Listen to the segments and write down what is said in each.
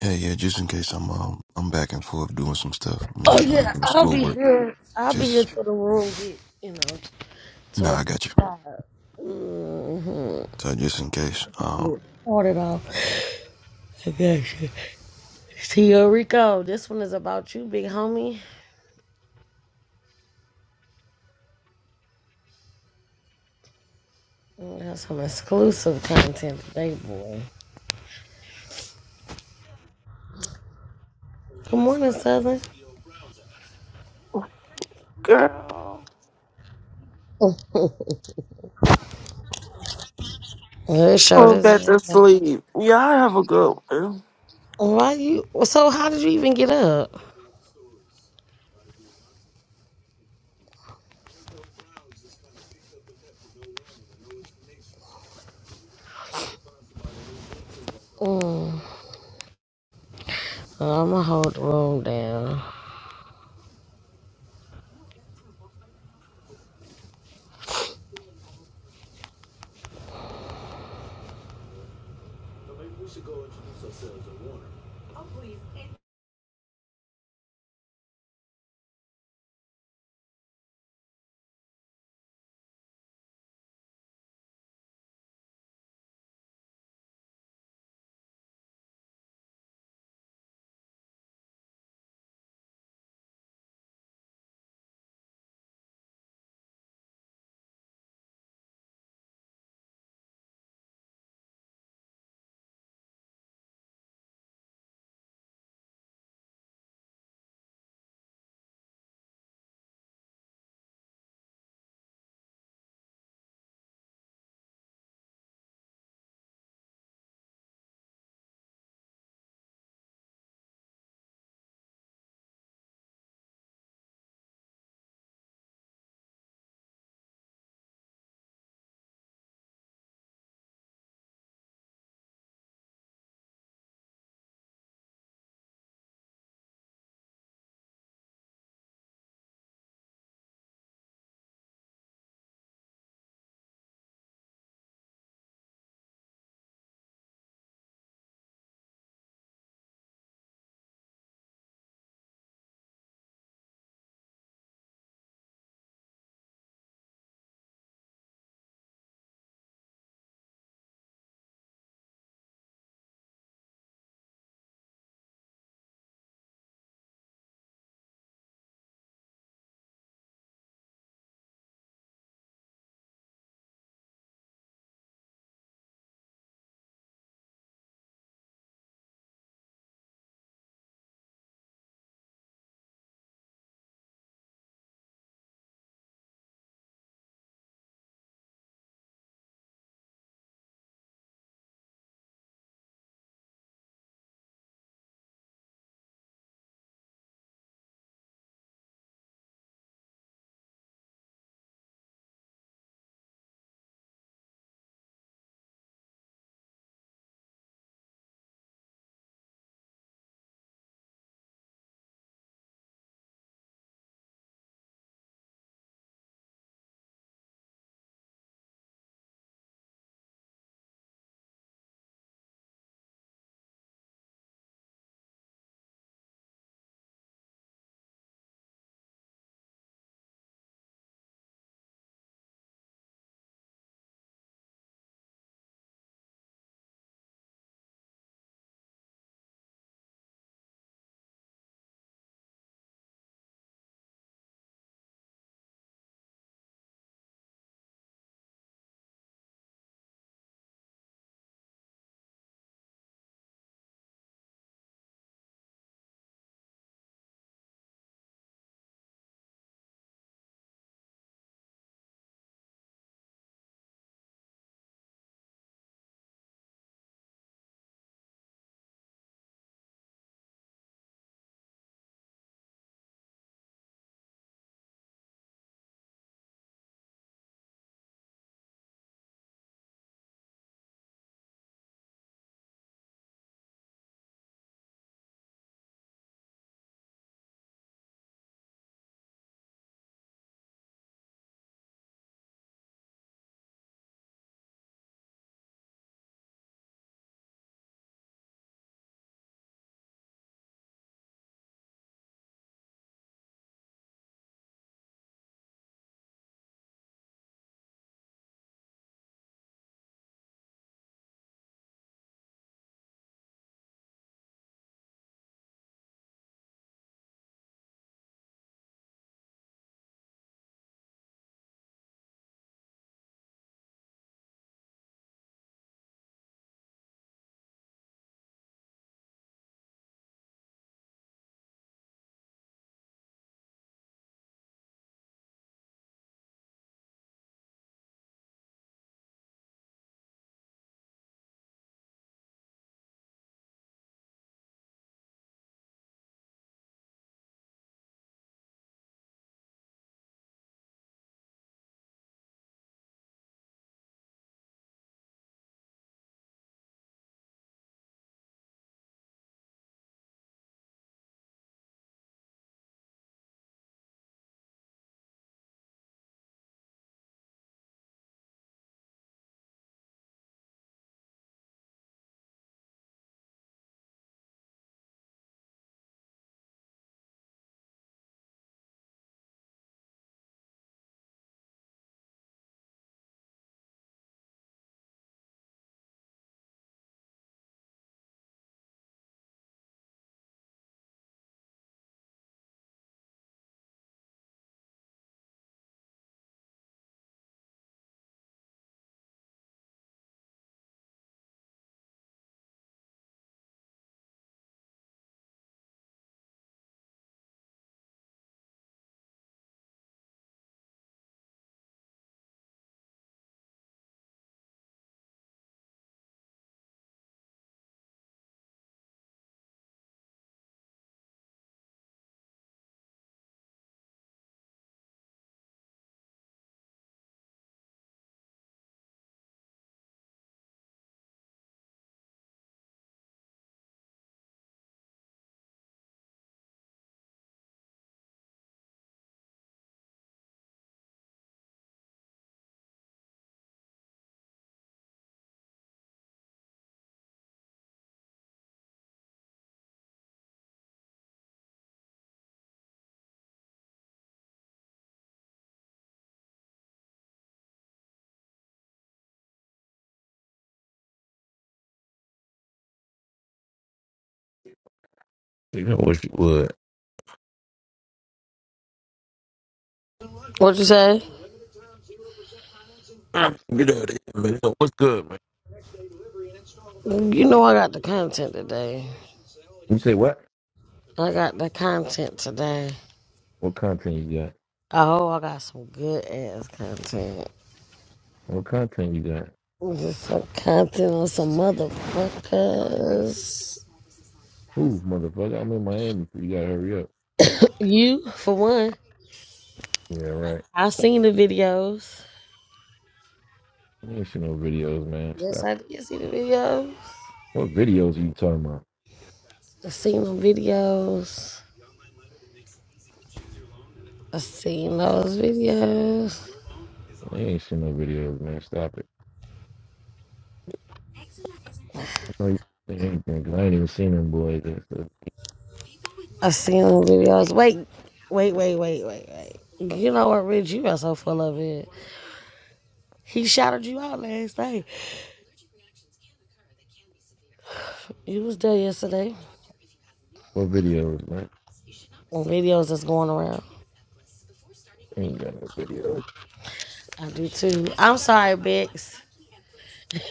Hey, yeah, just in case I'm um I'm back and forth doing some stuff. I'm Oh in, uh, yeah, doing I'll be schoolwork. here. I'll be here Just till the room get, you know, till nah, it I got you. mm, So just in case. um, sorted out. I got you. See Rico, this one is about you, big homie. We got some exclusive content today, boy. Good morning, Southern. Girl, Good show go this back is. to sleep. Y'all have a good one. Why you? So how did you even get up? Mm, I'ma hold the room down. You know what you would. What you say? Ah, Get out of here, man. What's good, man? You know I got the content today. You say what? I got the content today. What content you got? Oh, I got some good ass content. What content you got? Just some content on some motherfuckers. Ooh, motherfucker, I'm in Miami. so You gotta hurry up. You, for one, Yeah, right. I have seen the videos. You ain't seen no videos, man. Just Stop. I did see the videos. What videos are you talking about? I seen them videos. I seen those videos. I ain't seen no videos, man. Stop it. I know you ain't seen anything, 'cause I ain't even seen them boys yet. So. I seen them videos. Wait, wait, wait, wait, wait, wait. You know what, Rich? You are so full of it. He shouted you out last night. You was there yesterday What videos, man? on videos that's going around. I ain't got no videos. I do too. I'm sorry, Bex.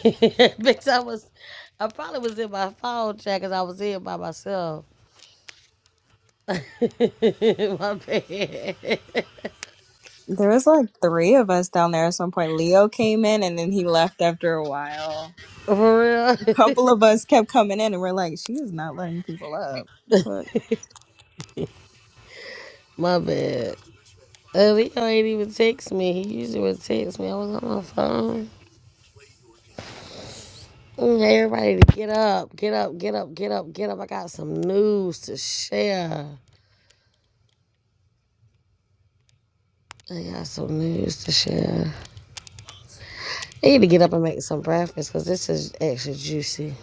bitch, I was, I probably was in my phone chat because I was in by myself. my bad. There was like three of us down there at some point. Leo came in and then he left after a while. For A real? couple of us kept coming in and we're like, she is not letting people up. The fuck? my bad. Uh, Leo ain't even text me. He usually would text me. I was on my phone. Mm, Hey, everybody, to get up, get up, get up, get up, get up. I got some news to share. I got some news to share. I need to get up and make some breakfast because this is extra juicy.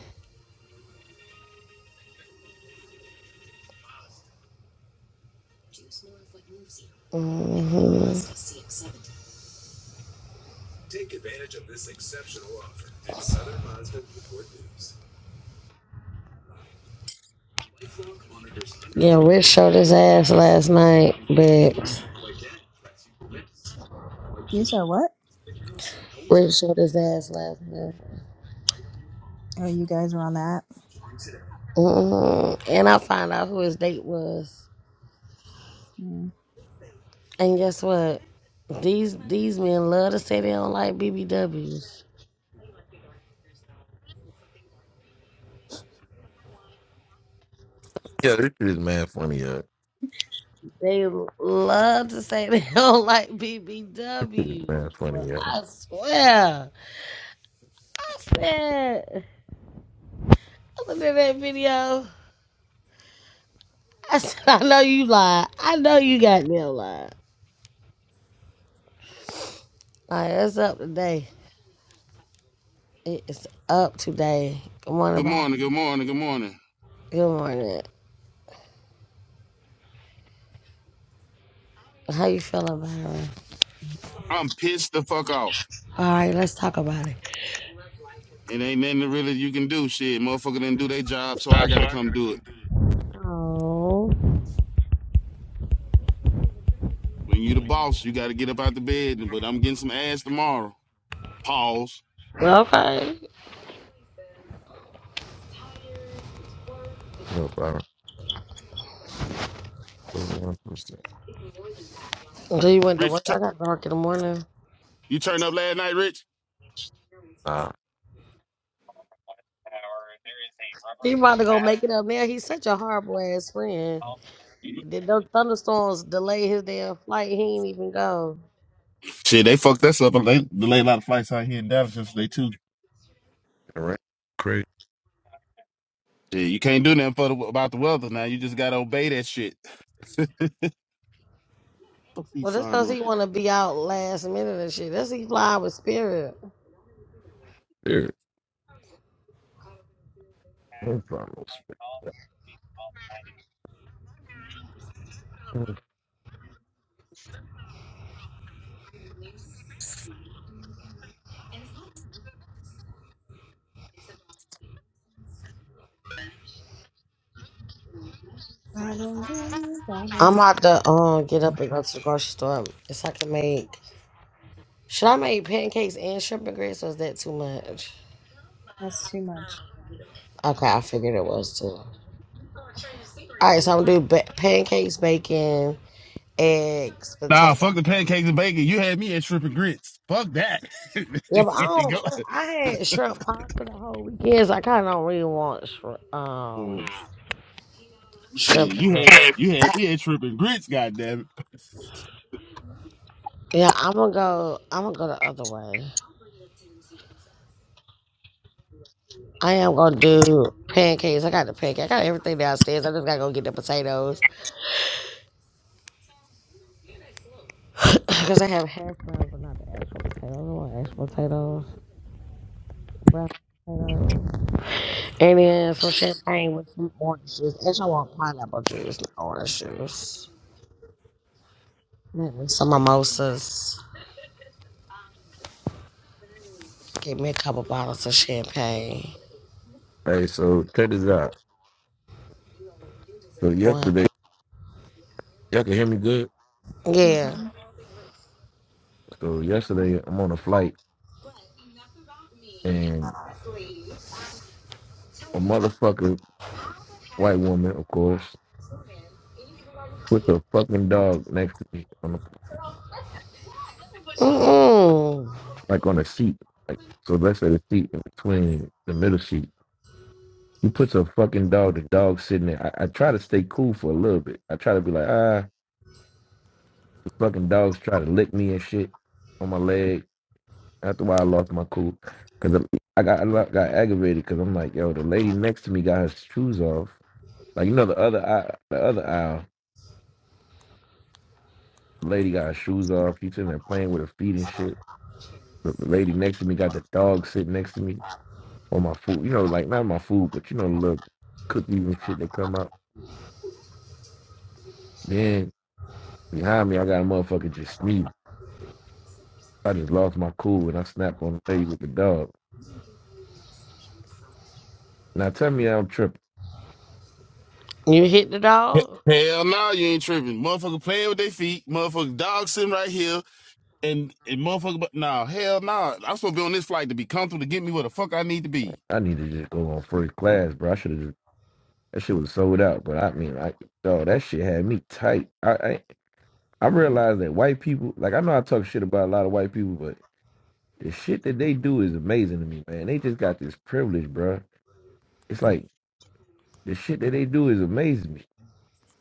Yeah, Rich showed his ass last night, bitch. You said what? Red showed his ass last night. Oh, you guys were on that. mm And I found out who his date was. Mm. And guess what? These these men love to say they don't like BBWs. Yeah, this shit is mad funny, yeah. They love to say they don't like This shit is BBWs. mad Boy, funny, yeah. I swear. I said, I looked at that video. I said, I know you lied. I know you got me lied. Like, it's up today. It's up today. Good morning, Good Byron. morning, good morning, good morning. Good morning. How you feeling, Byron? I'm pissed the fuck off. All right, let's talk about it. It ain't nothing really you can do. Shit, motherfucker didn't do their job, so I gotta come do it. Oh. When you the boss, you gotta get up out the bed, but I'm getting some ass tomorrow. Pause. Well, okay. No problem. Oh, I'm supposed to- So you went to work. Rich, tu- I got dark in the morning. you turned up last night, Rich? Nah, He about to go make it up now. He's such a horrible ass friend. Did those thunderstorms delay his damn flight? He ain't even go. Shit, they fucked us up. They delayed a lot of flights out here in Dallas yesterday, too. all right. Crazy. Shit, you can't do nothing for the, about the weather now. You just gotta obey that shit. fuck these Well, that's sorry cause he motherfuckers. wanna be out last minute and shit. That's he fly with spirit. Dude, no problem. I don't believe all I'm that. about to um get up and go to the grocery store. If I can make, should I make pancakes and shrimp and grits? Or is that too much? That's too much. Okay, I figured it was too. All right, so I'm gonna do ba- pancakes, bacon. eggs, Nah, potatoes. fuck the pancakes and bacon. You had me at shrimp and grits. Fuck that. Yeah, but I don't. but I Go. had shrimp pasta the whole weekend. So I kind of don't really want shrimp. Um, was shit. shrimp. You grits. had you had me at tripping grits, goddamn Yeah, I'm gonna go. I'm gonna go the other way. I am gonna do pancakes. I got the pancake. I got everything downstairs. I just gotta go get the potatoes because I have hash browns, but not the actual potatoes. I want actual potatoes, brown potatoes, and then some champagne with some orange juice. Actually, I want pineapple juice, not orange juice. Maybe Some mimosas. Give me a couple bottles of champagne. Hey, so check this out. So What? yesterday, y'all can hear me good. Yeah. Mhm. So yesterday, I'm on a flight, and a motherfucker, white woman, of course, puts a fucking dog next to me, on the, Mm-mm. like on a seat. Like so, let's say the seat in between the middle seat. She puts a fucking dog. The dog sitting there. I, I try to stay cool for a little bit. I try to be like, ah, the fucking dog's trying to lick me and shit on my leg. After a while, I lost my cool because I I got I got aggravated because I'm like, yo, the lady next to me got her shoes off Like you know the other aisle, the other aisle, the lady got her shoes off. She's sitting there playing with her feet and shit. The the lady next to me got the dog sitting next to me on my food. You know, like not my food, but you know, the little cookies and shit that come out. Then behind me, I got a motherfucker just sneezing. I just lost my cool when I snapped on the lady with the dog. Now tell me I'm tripping. You hit the it. dog? Hell no, you ain't tripping. Motherfucker playing with their feet. Motherfucker dog sitting right here, and and motherfucker, but nah, hell no. I'm supposed to be on this flight to be comfortable to get me where the fuck I need to be. I need to just go on first class, bro. I should have just that shit was sold out. But I mean, I dog, that shit had me tight. I I, I realized that white people, like I know I talk shit about a lot of white people, but the shit that they do is amazing to me, man. They just got this privilege, bro. It's like the shit that they do is amazing to me.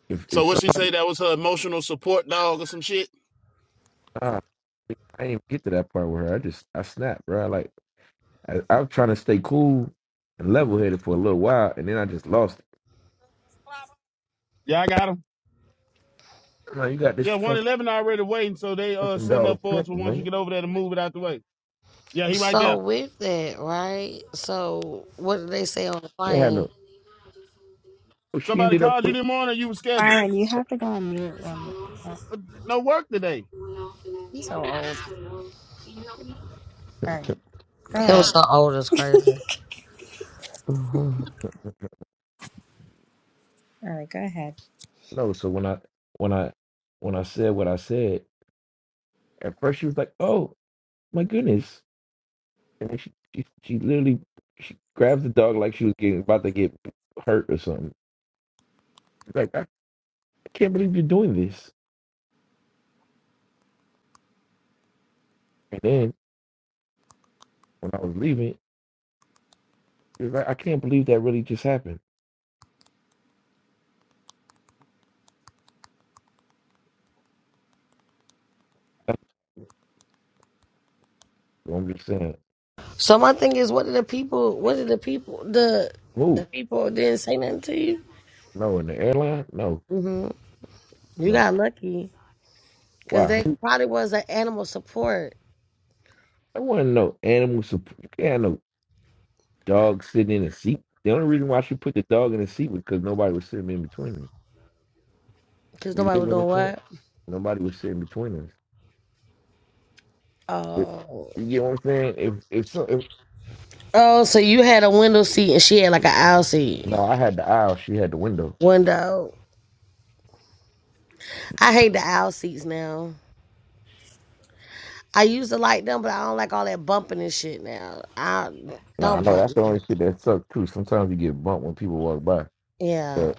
If So if what she somebody, say? That was her emotional support dog or some shit. ah, I didn't even get to that part where I just I snapped, bro. Like I, I'm trying to stay cool and level headed for a little while, and then I just lost it. Yeah, I got him. I'm like, you got this Yeah, one fucking eleven already waiting, so they uh fucking setting dog, up for us. for Clinton, once we man. get over there, to move it out the way. Yeah, he right So there. with that, right? So what did they say on the They had plane? no. Oh, she Somebody ended up called you put this morning. You were scheduled. Byron, you have to go on mute when But no work today. you're so old. All right, go It was ahead. so old, it's crazy. hmm All right, go ahead. no. So when I when I when I said what I said, at first she was like, oh my goodness, and then she, she she literally she grabs the dog like she was getting about to get hurt or something. like, I can't believe you're doing this. And then when I was leaving, she was like, I can't believe that really just happened. So I'm just saying, So my thing is, what did the people? What did the people? The the who? people didn't say nothing to you. No, in the airline? No, hmm You no. got lucky, cause Wow, that probably was an animal support, I want to know animal support. You can't have no dog sitting in a seat. The only reason why she put the dog in the seat was because nobody was sitting in between them. cause You nobody get was what doing I'm saying? what. Nobody was sitting between us. Oh. You get what I'm saying? If if so, if Oh, so you had a window seat and she had like an aisle seat. no, I had the aisle, she had the window. Window. I hate the aisle seats now. I used to like them, but I don't like all that bumping and shit now. I No, I don't know bump that's the me. only shit that sucks too. Sometimes you get bumped when people walk by. Yeah. But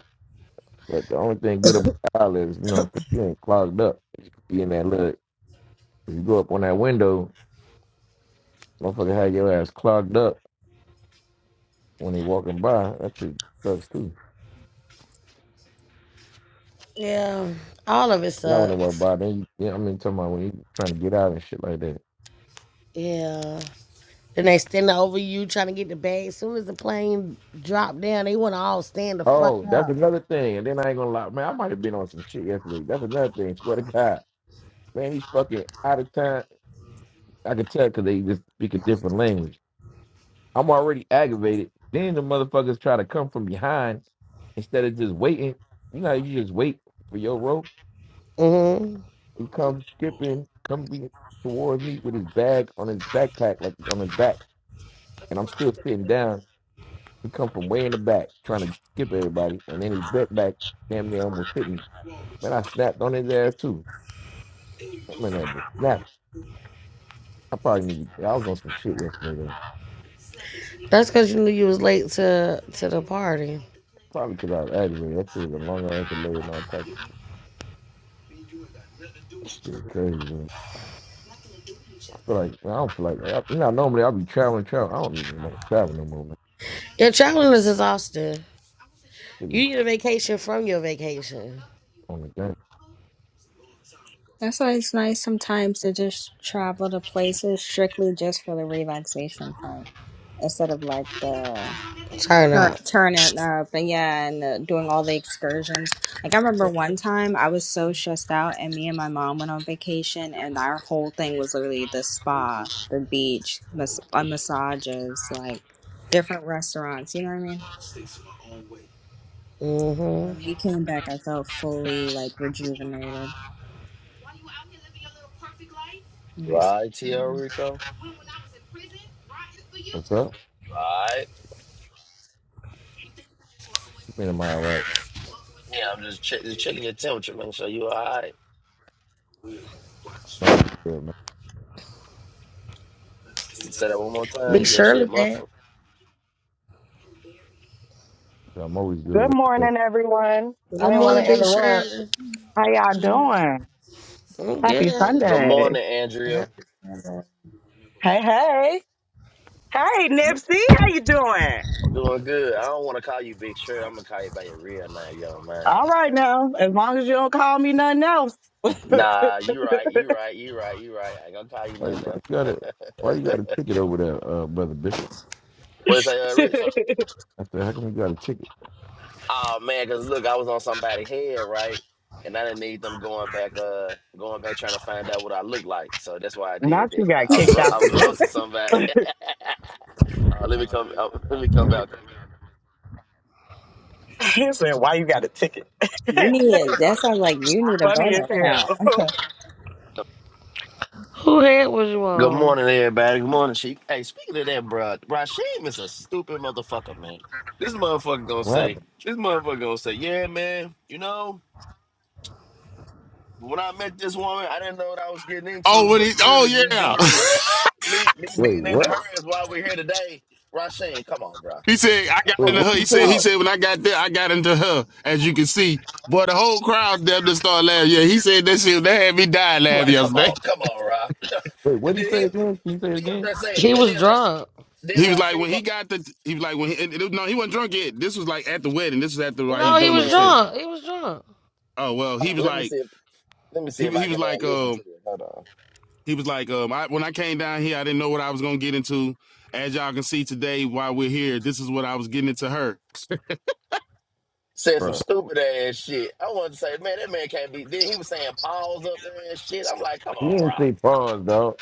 but the only thing good about outlet is, you know, you ain't clogged up. You could be in that look. If you go up on that window, motherfucker had your ass clogged up when they walking by. That shit sucks too. Yeah. All of it Not when they walk sucks. by. Then you, you know, I mean, talking about when you trying to get out and shit like that. Yeah. Then they stand over you trying to get the bag. As soon as the plane dropped down, they want to all stand the fuck Oh, up. that's another thing. And then I ain't gonna lie, man. I might have been on some shit yesterday. That's another thing. Swear to God, man, he's fucking out of time. I could tell because they just speak a different language. I'm already aggravated. Then the motherfuckers try to come from behind instead of just waiting. You know, how you just wait for your rope. hmm He comes skipping, come be towards me with his bag on his backpack, like on his back, and I'm still sitting down. He come from way in the back, trying to skip everybody, and then his bent back damn near almost hit me. Man, I snapped on his ass too. I mean, that just snapped. I probably need. To, yeah, I was on some shit yesterday. Though. That's because you knew you was late to to the party. Probably because I was aggravated. That shit was a long ass delay and all types of shit. Crazy. feel like I don't feel like that. I, now normally I'll be traveling, traveling. I don't even want to travel no more, man. Your traveling is exhausting. Shit is You need a vacation from your vacation. on the game. That's why it's nice sometimes to just travel to places strictly just for the relaxation part instead of like the Turn up. tur- turning up and yeah and uh, doing all the excursions like i remember But one time i was so stressed out and me and my mom went on vacation and our whole thing was literally the spa the beach mas- uh, massages like different restaurants you know what i mean hmm when we came back i felt fully like rejuvenated Mm. Right, Tio you Rico. What's up? Alright. You been in my right? Yeah, I'm just, check, just checking your temperature, making sure you alright. I'm always good, man. Say that one more Big time. Your shit Shirley back. muffled. Yeah, I'm always good Good with stuff. morning, everyone. I Good didn't want to morning, Big interrupt. Shirley. How y'all doing? I'm good. Happy Good Sunday. morning, Andrea. Happy Sunday. Hey, hey. Hey, Nipsey, how you doing? I'm doing good. I don't want to call you Big Shred. I'm gonna call you by your real name, young man. All right now, as long as you don't call me nothing else. Nah, you right, you right, you right, you right. I ain't gonna call you Why you, nothing why else. you got a Why you got a ticket over there, uh, brother Bishop? What is that, uh, Rich? Not I said, how come you got a ticket? Oh man, because look, I was on somebody's head, right? And I didn't need them going back, uh, going back trying to find out what I look like. So that's why I did that. you got I was kicked ro- out I the was group. roasting somebody. uh, let me come. Uh, let me come out. he said, why you got a ticket? need that's why i like you need a Funny as burner account hell. Who head was you Good on? morning, everybody. Good morning, Sheik. Hey, speaking of that, bro, Rasheem is a stupid motherfucker, man. This motherfucker gonna What say. happened? This motherfucker gonna say, yeah, man. You know, when I met this woman, I didn't know what I was getting Oh, into, what but is? Oh clearly, me yeah. being in the me me Wait, being in the what? hurry is why we're here today. Rasheen, come on, bro. He said, I got Come Wait, on, into what her. did He you said, say? he dog. said, when I got there, I got into her, as you can see. Boy, the whole crowd there just started laughing. Yeah, he said that shit. They had me dying I'm laughing like, come yesterday. on, come on, Ra. Wait, what and did you then he say again? Can you say it he up again? there saying, He and was then Ra, drunk. then He was like, Rasheen when he mu- got the, he was like, when he, and it, was- no, he wasn't drunk yet. This was like at the wedding. This was after like he was at No, the he doing the was wedding. reception. drunk. He was drunk. Oh, well, Hold he on, was let me like, see. If, let me see he, if was- he I was can uh, like, listen to um, it. Hold on. he was like, um, I, when I came down here, I didn't know what I was going to get into. As y'all can see today, while we're here, this is what I was getting into her. Said some Bro, stupid ass shit. I wanted to say, man, that man can't be. Then he was saying pause up there and shit. I'm like, come you on, Ra. didn't say pause, dog.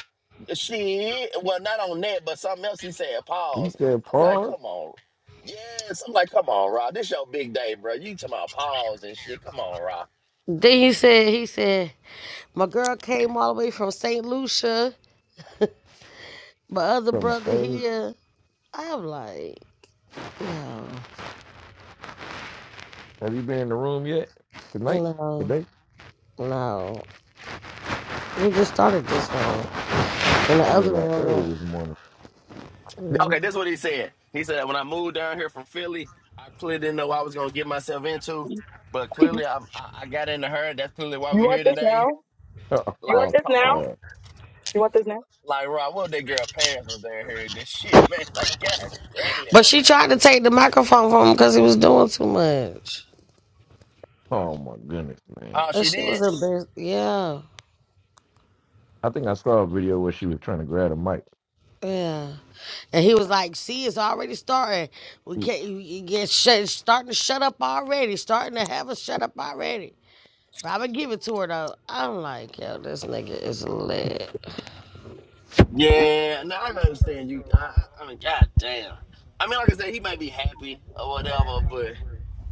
She well, not on that, but something else he said. You Pause. said I'm like, pause. come on. Yes, I'm like, come on, Rob. This your big day, bro. You talking about pause and shit? Come on, Rob. Then he said, he said, my girl came all the way from St. Lucia. My other Come on, brother Amy. here. I'm like, no, Have you been in the room yet? Tonight? no, Today? no. We just started this one. And the I mean, other like early one, this morning. you know. Okay, this is what he said. He said when I moved down here from Philly, I clearly didn't know what I was gonna get myself into, but clearly i I I got into her. That's clearly why you we're want here this now? today. You want Oh, Like, this come now? on, God. You want this like Rob. What if that girl parents was down here? and This shit, man. Like, god damn. But she tried to take the microphone from him because he was doing too much. Oh my goodness, man. Oh, That she shit did. was embarrassing. Yeah, I think I saw a video where she was trying to grab a mic. yeah. And he was like, "See, it's already starting. We She- can't you get shut, starting to shut up already. Starting to have a shut up already." But I'm gonna give it to her though. I'm like, yo, this nigga is lit. Yeah, no, I can understand you. I, I I mean, god damn. I mean, like I said, he might be happy or whatever, but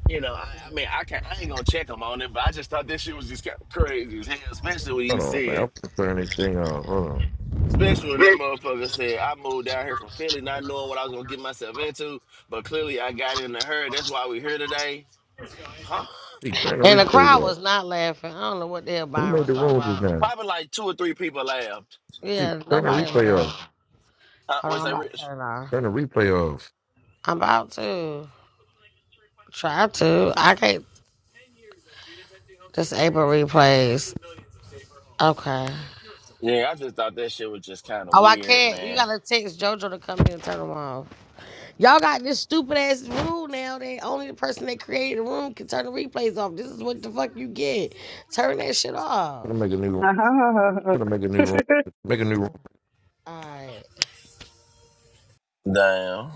you know, I, I mean, I can not I ain't gonna check him on it, but I just thought this shit was just kind of crazy as hell, especially when he Hold on, man. said, I'm gonna turn this thing off. Hold on. especially when that motherfucker said, I moved down here from Philly not knowing what I was gonna get myself into, but clearly I got into her. That's why we're here today. Huh? She turn the And the crowd replay off. was not laughing. I don't know what the hell Who Byron made was the talking room just about. now? Probably like two or three people laughed. She Yeah, turn the nobody replay off. laughed. Huh? Hold on, Was I'm that about to rich? turn it off. Turn the replay off. I'm about to try to. I can't disable replays. Okay. Yeah, I just thought that shit was just kind of Oh, I weird, can't. You man. gotta text JoJo to come in and turn them off. Y'all got this stupid ass rule now that only the person that created the room can turn the replays off. This is what the fuck you get. Turn that shit I'm off. gonna make a new I'm gonna make a new room. now? Make a new room. Alright. Damn.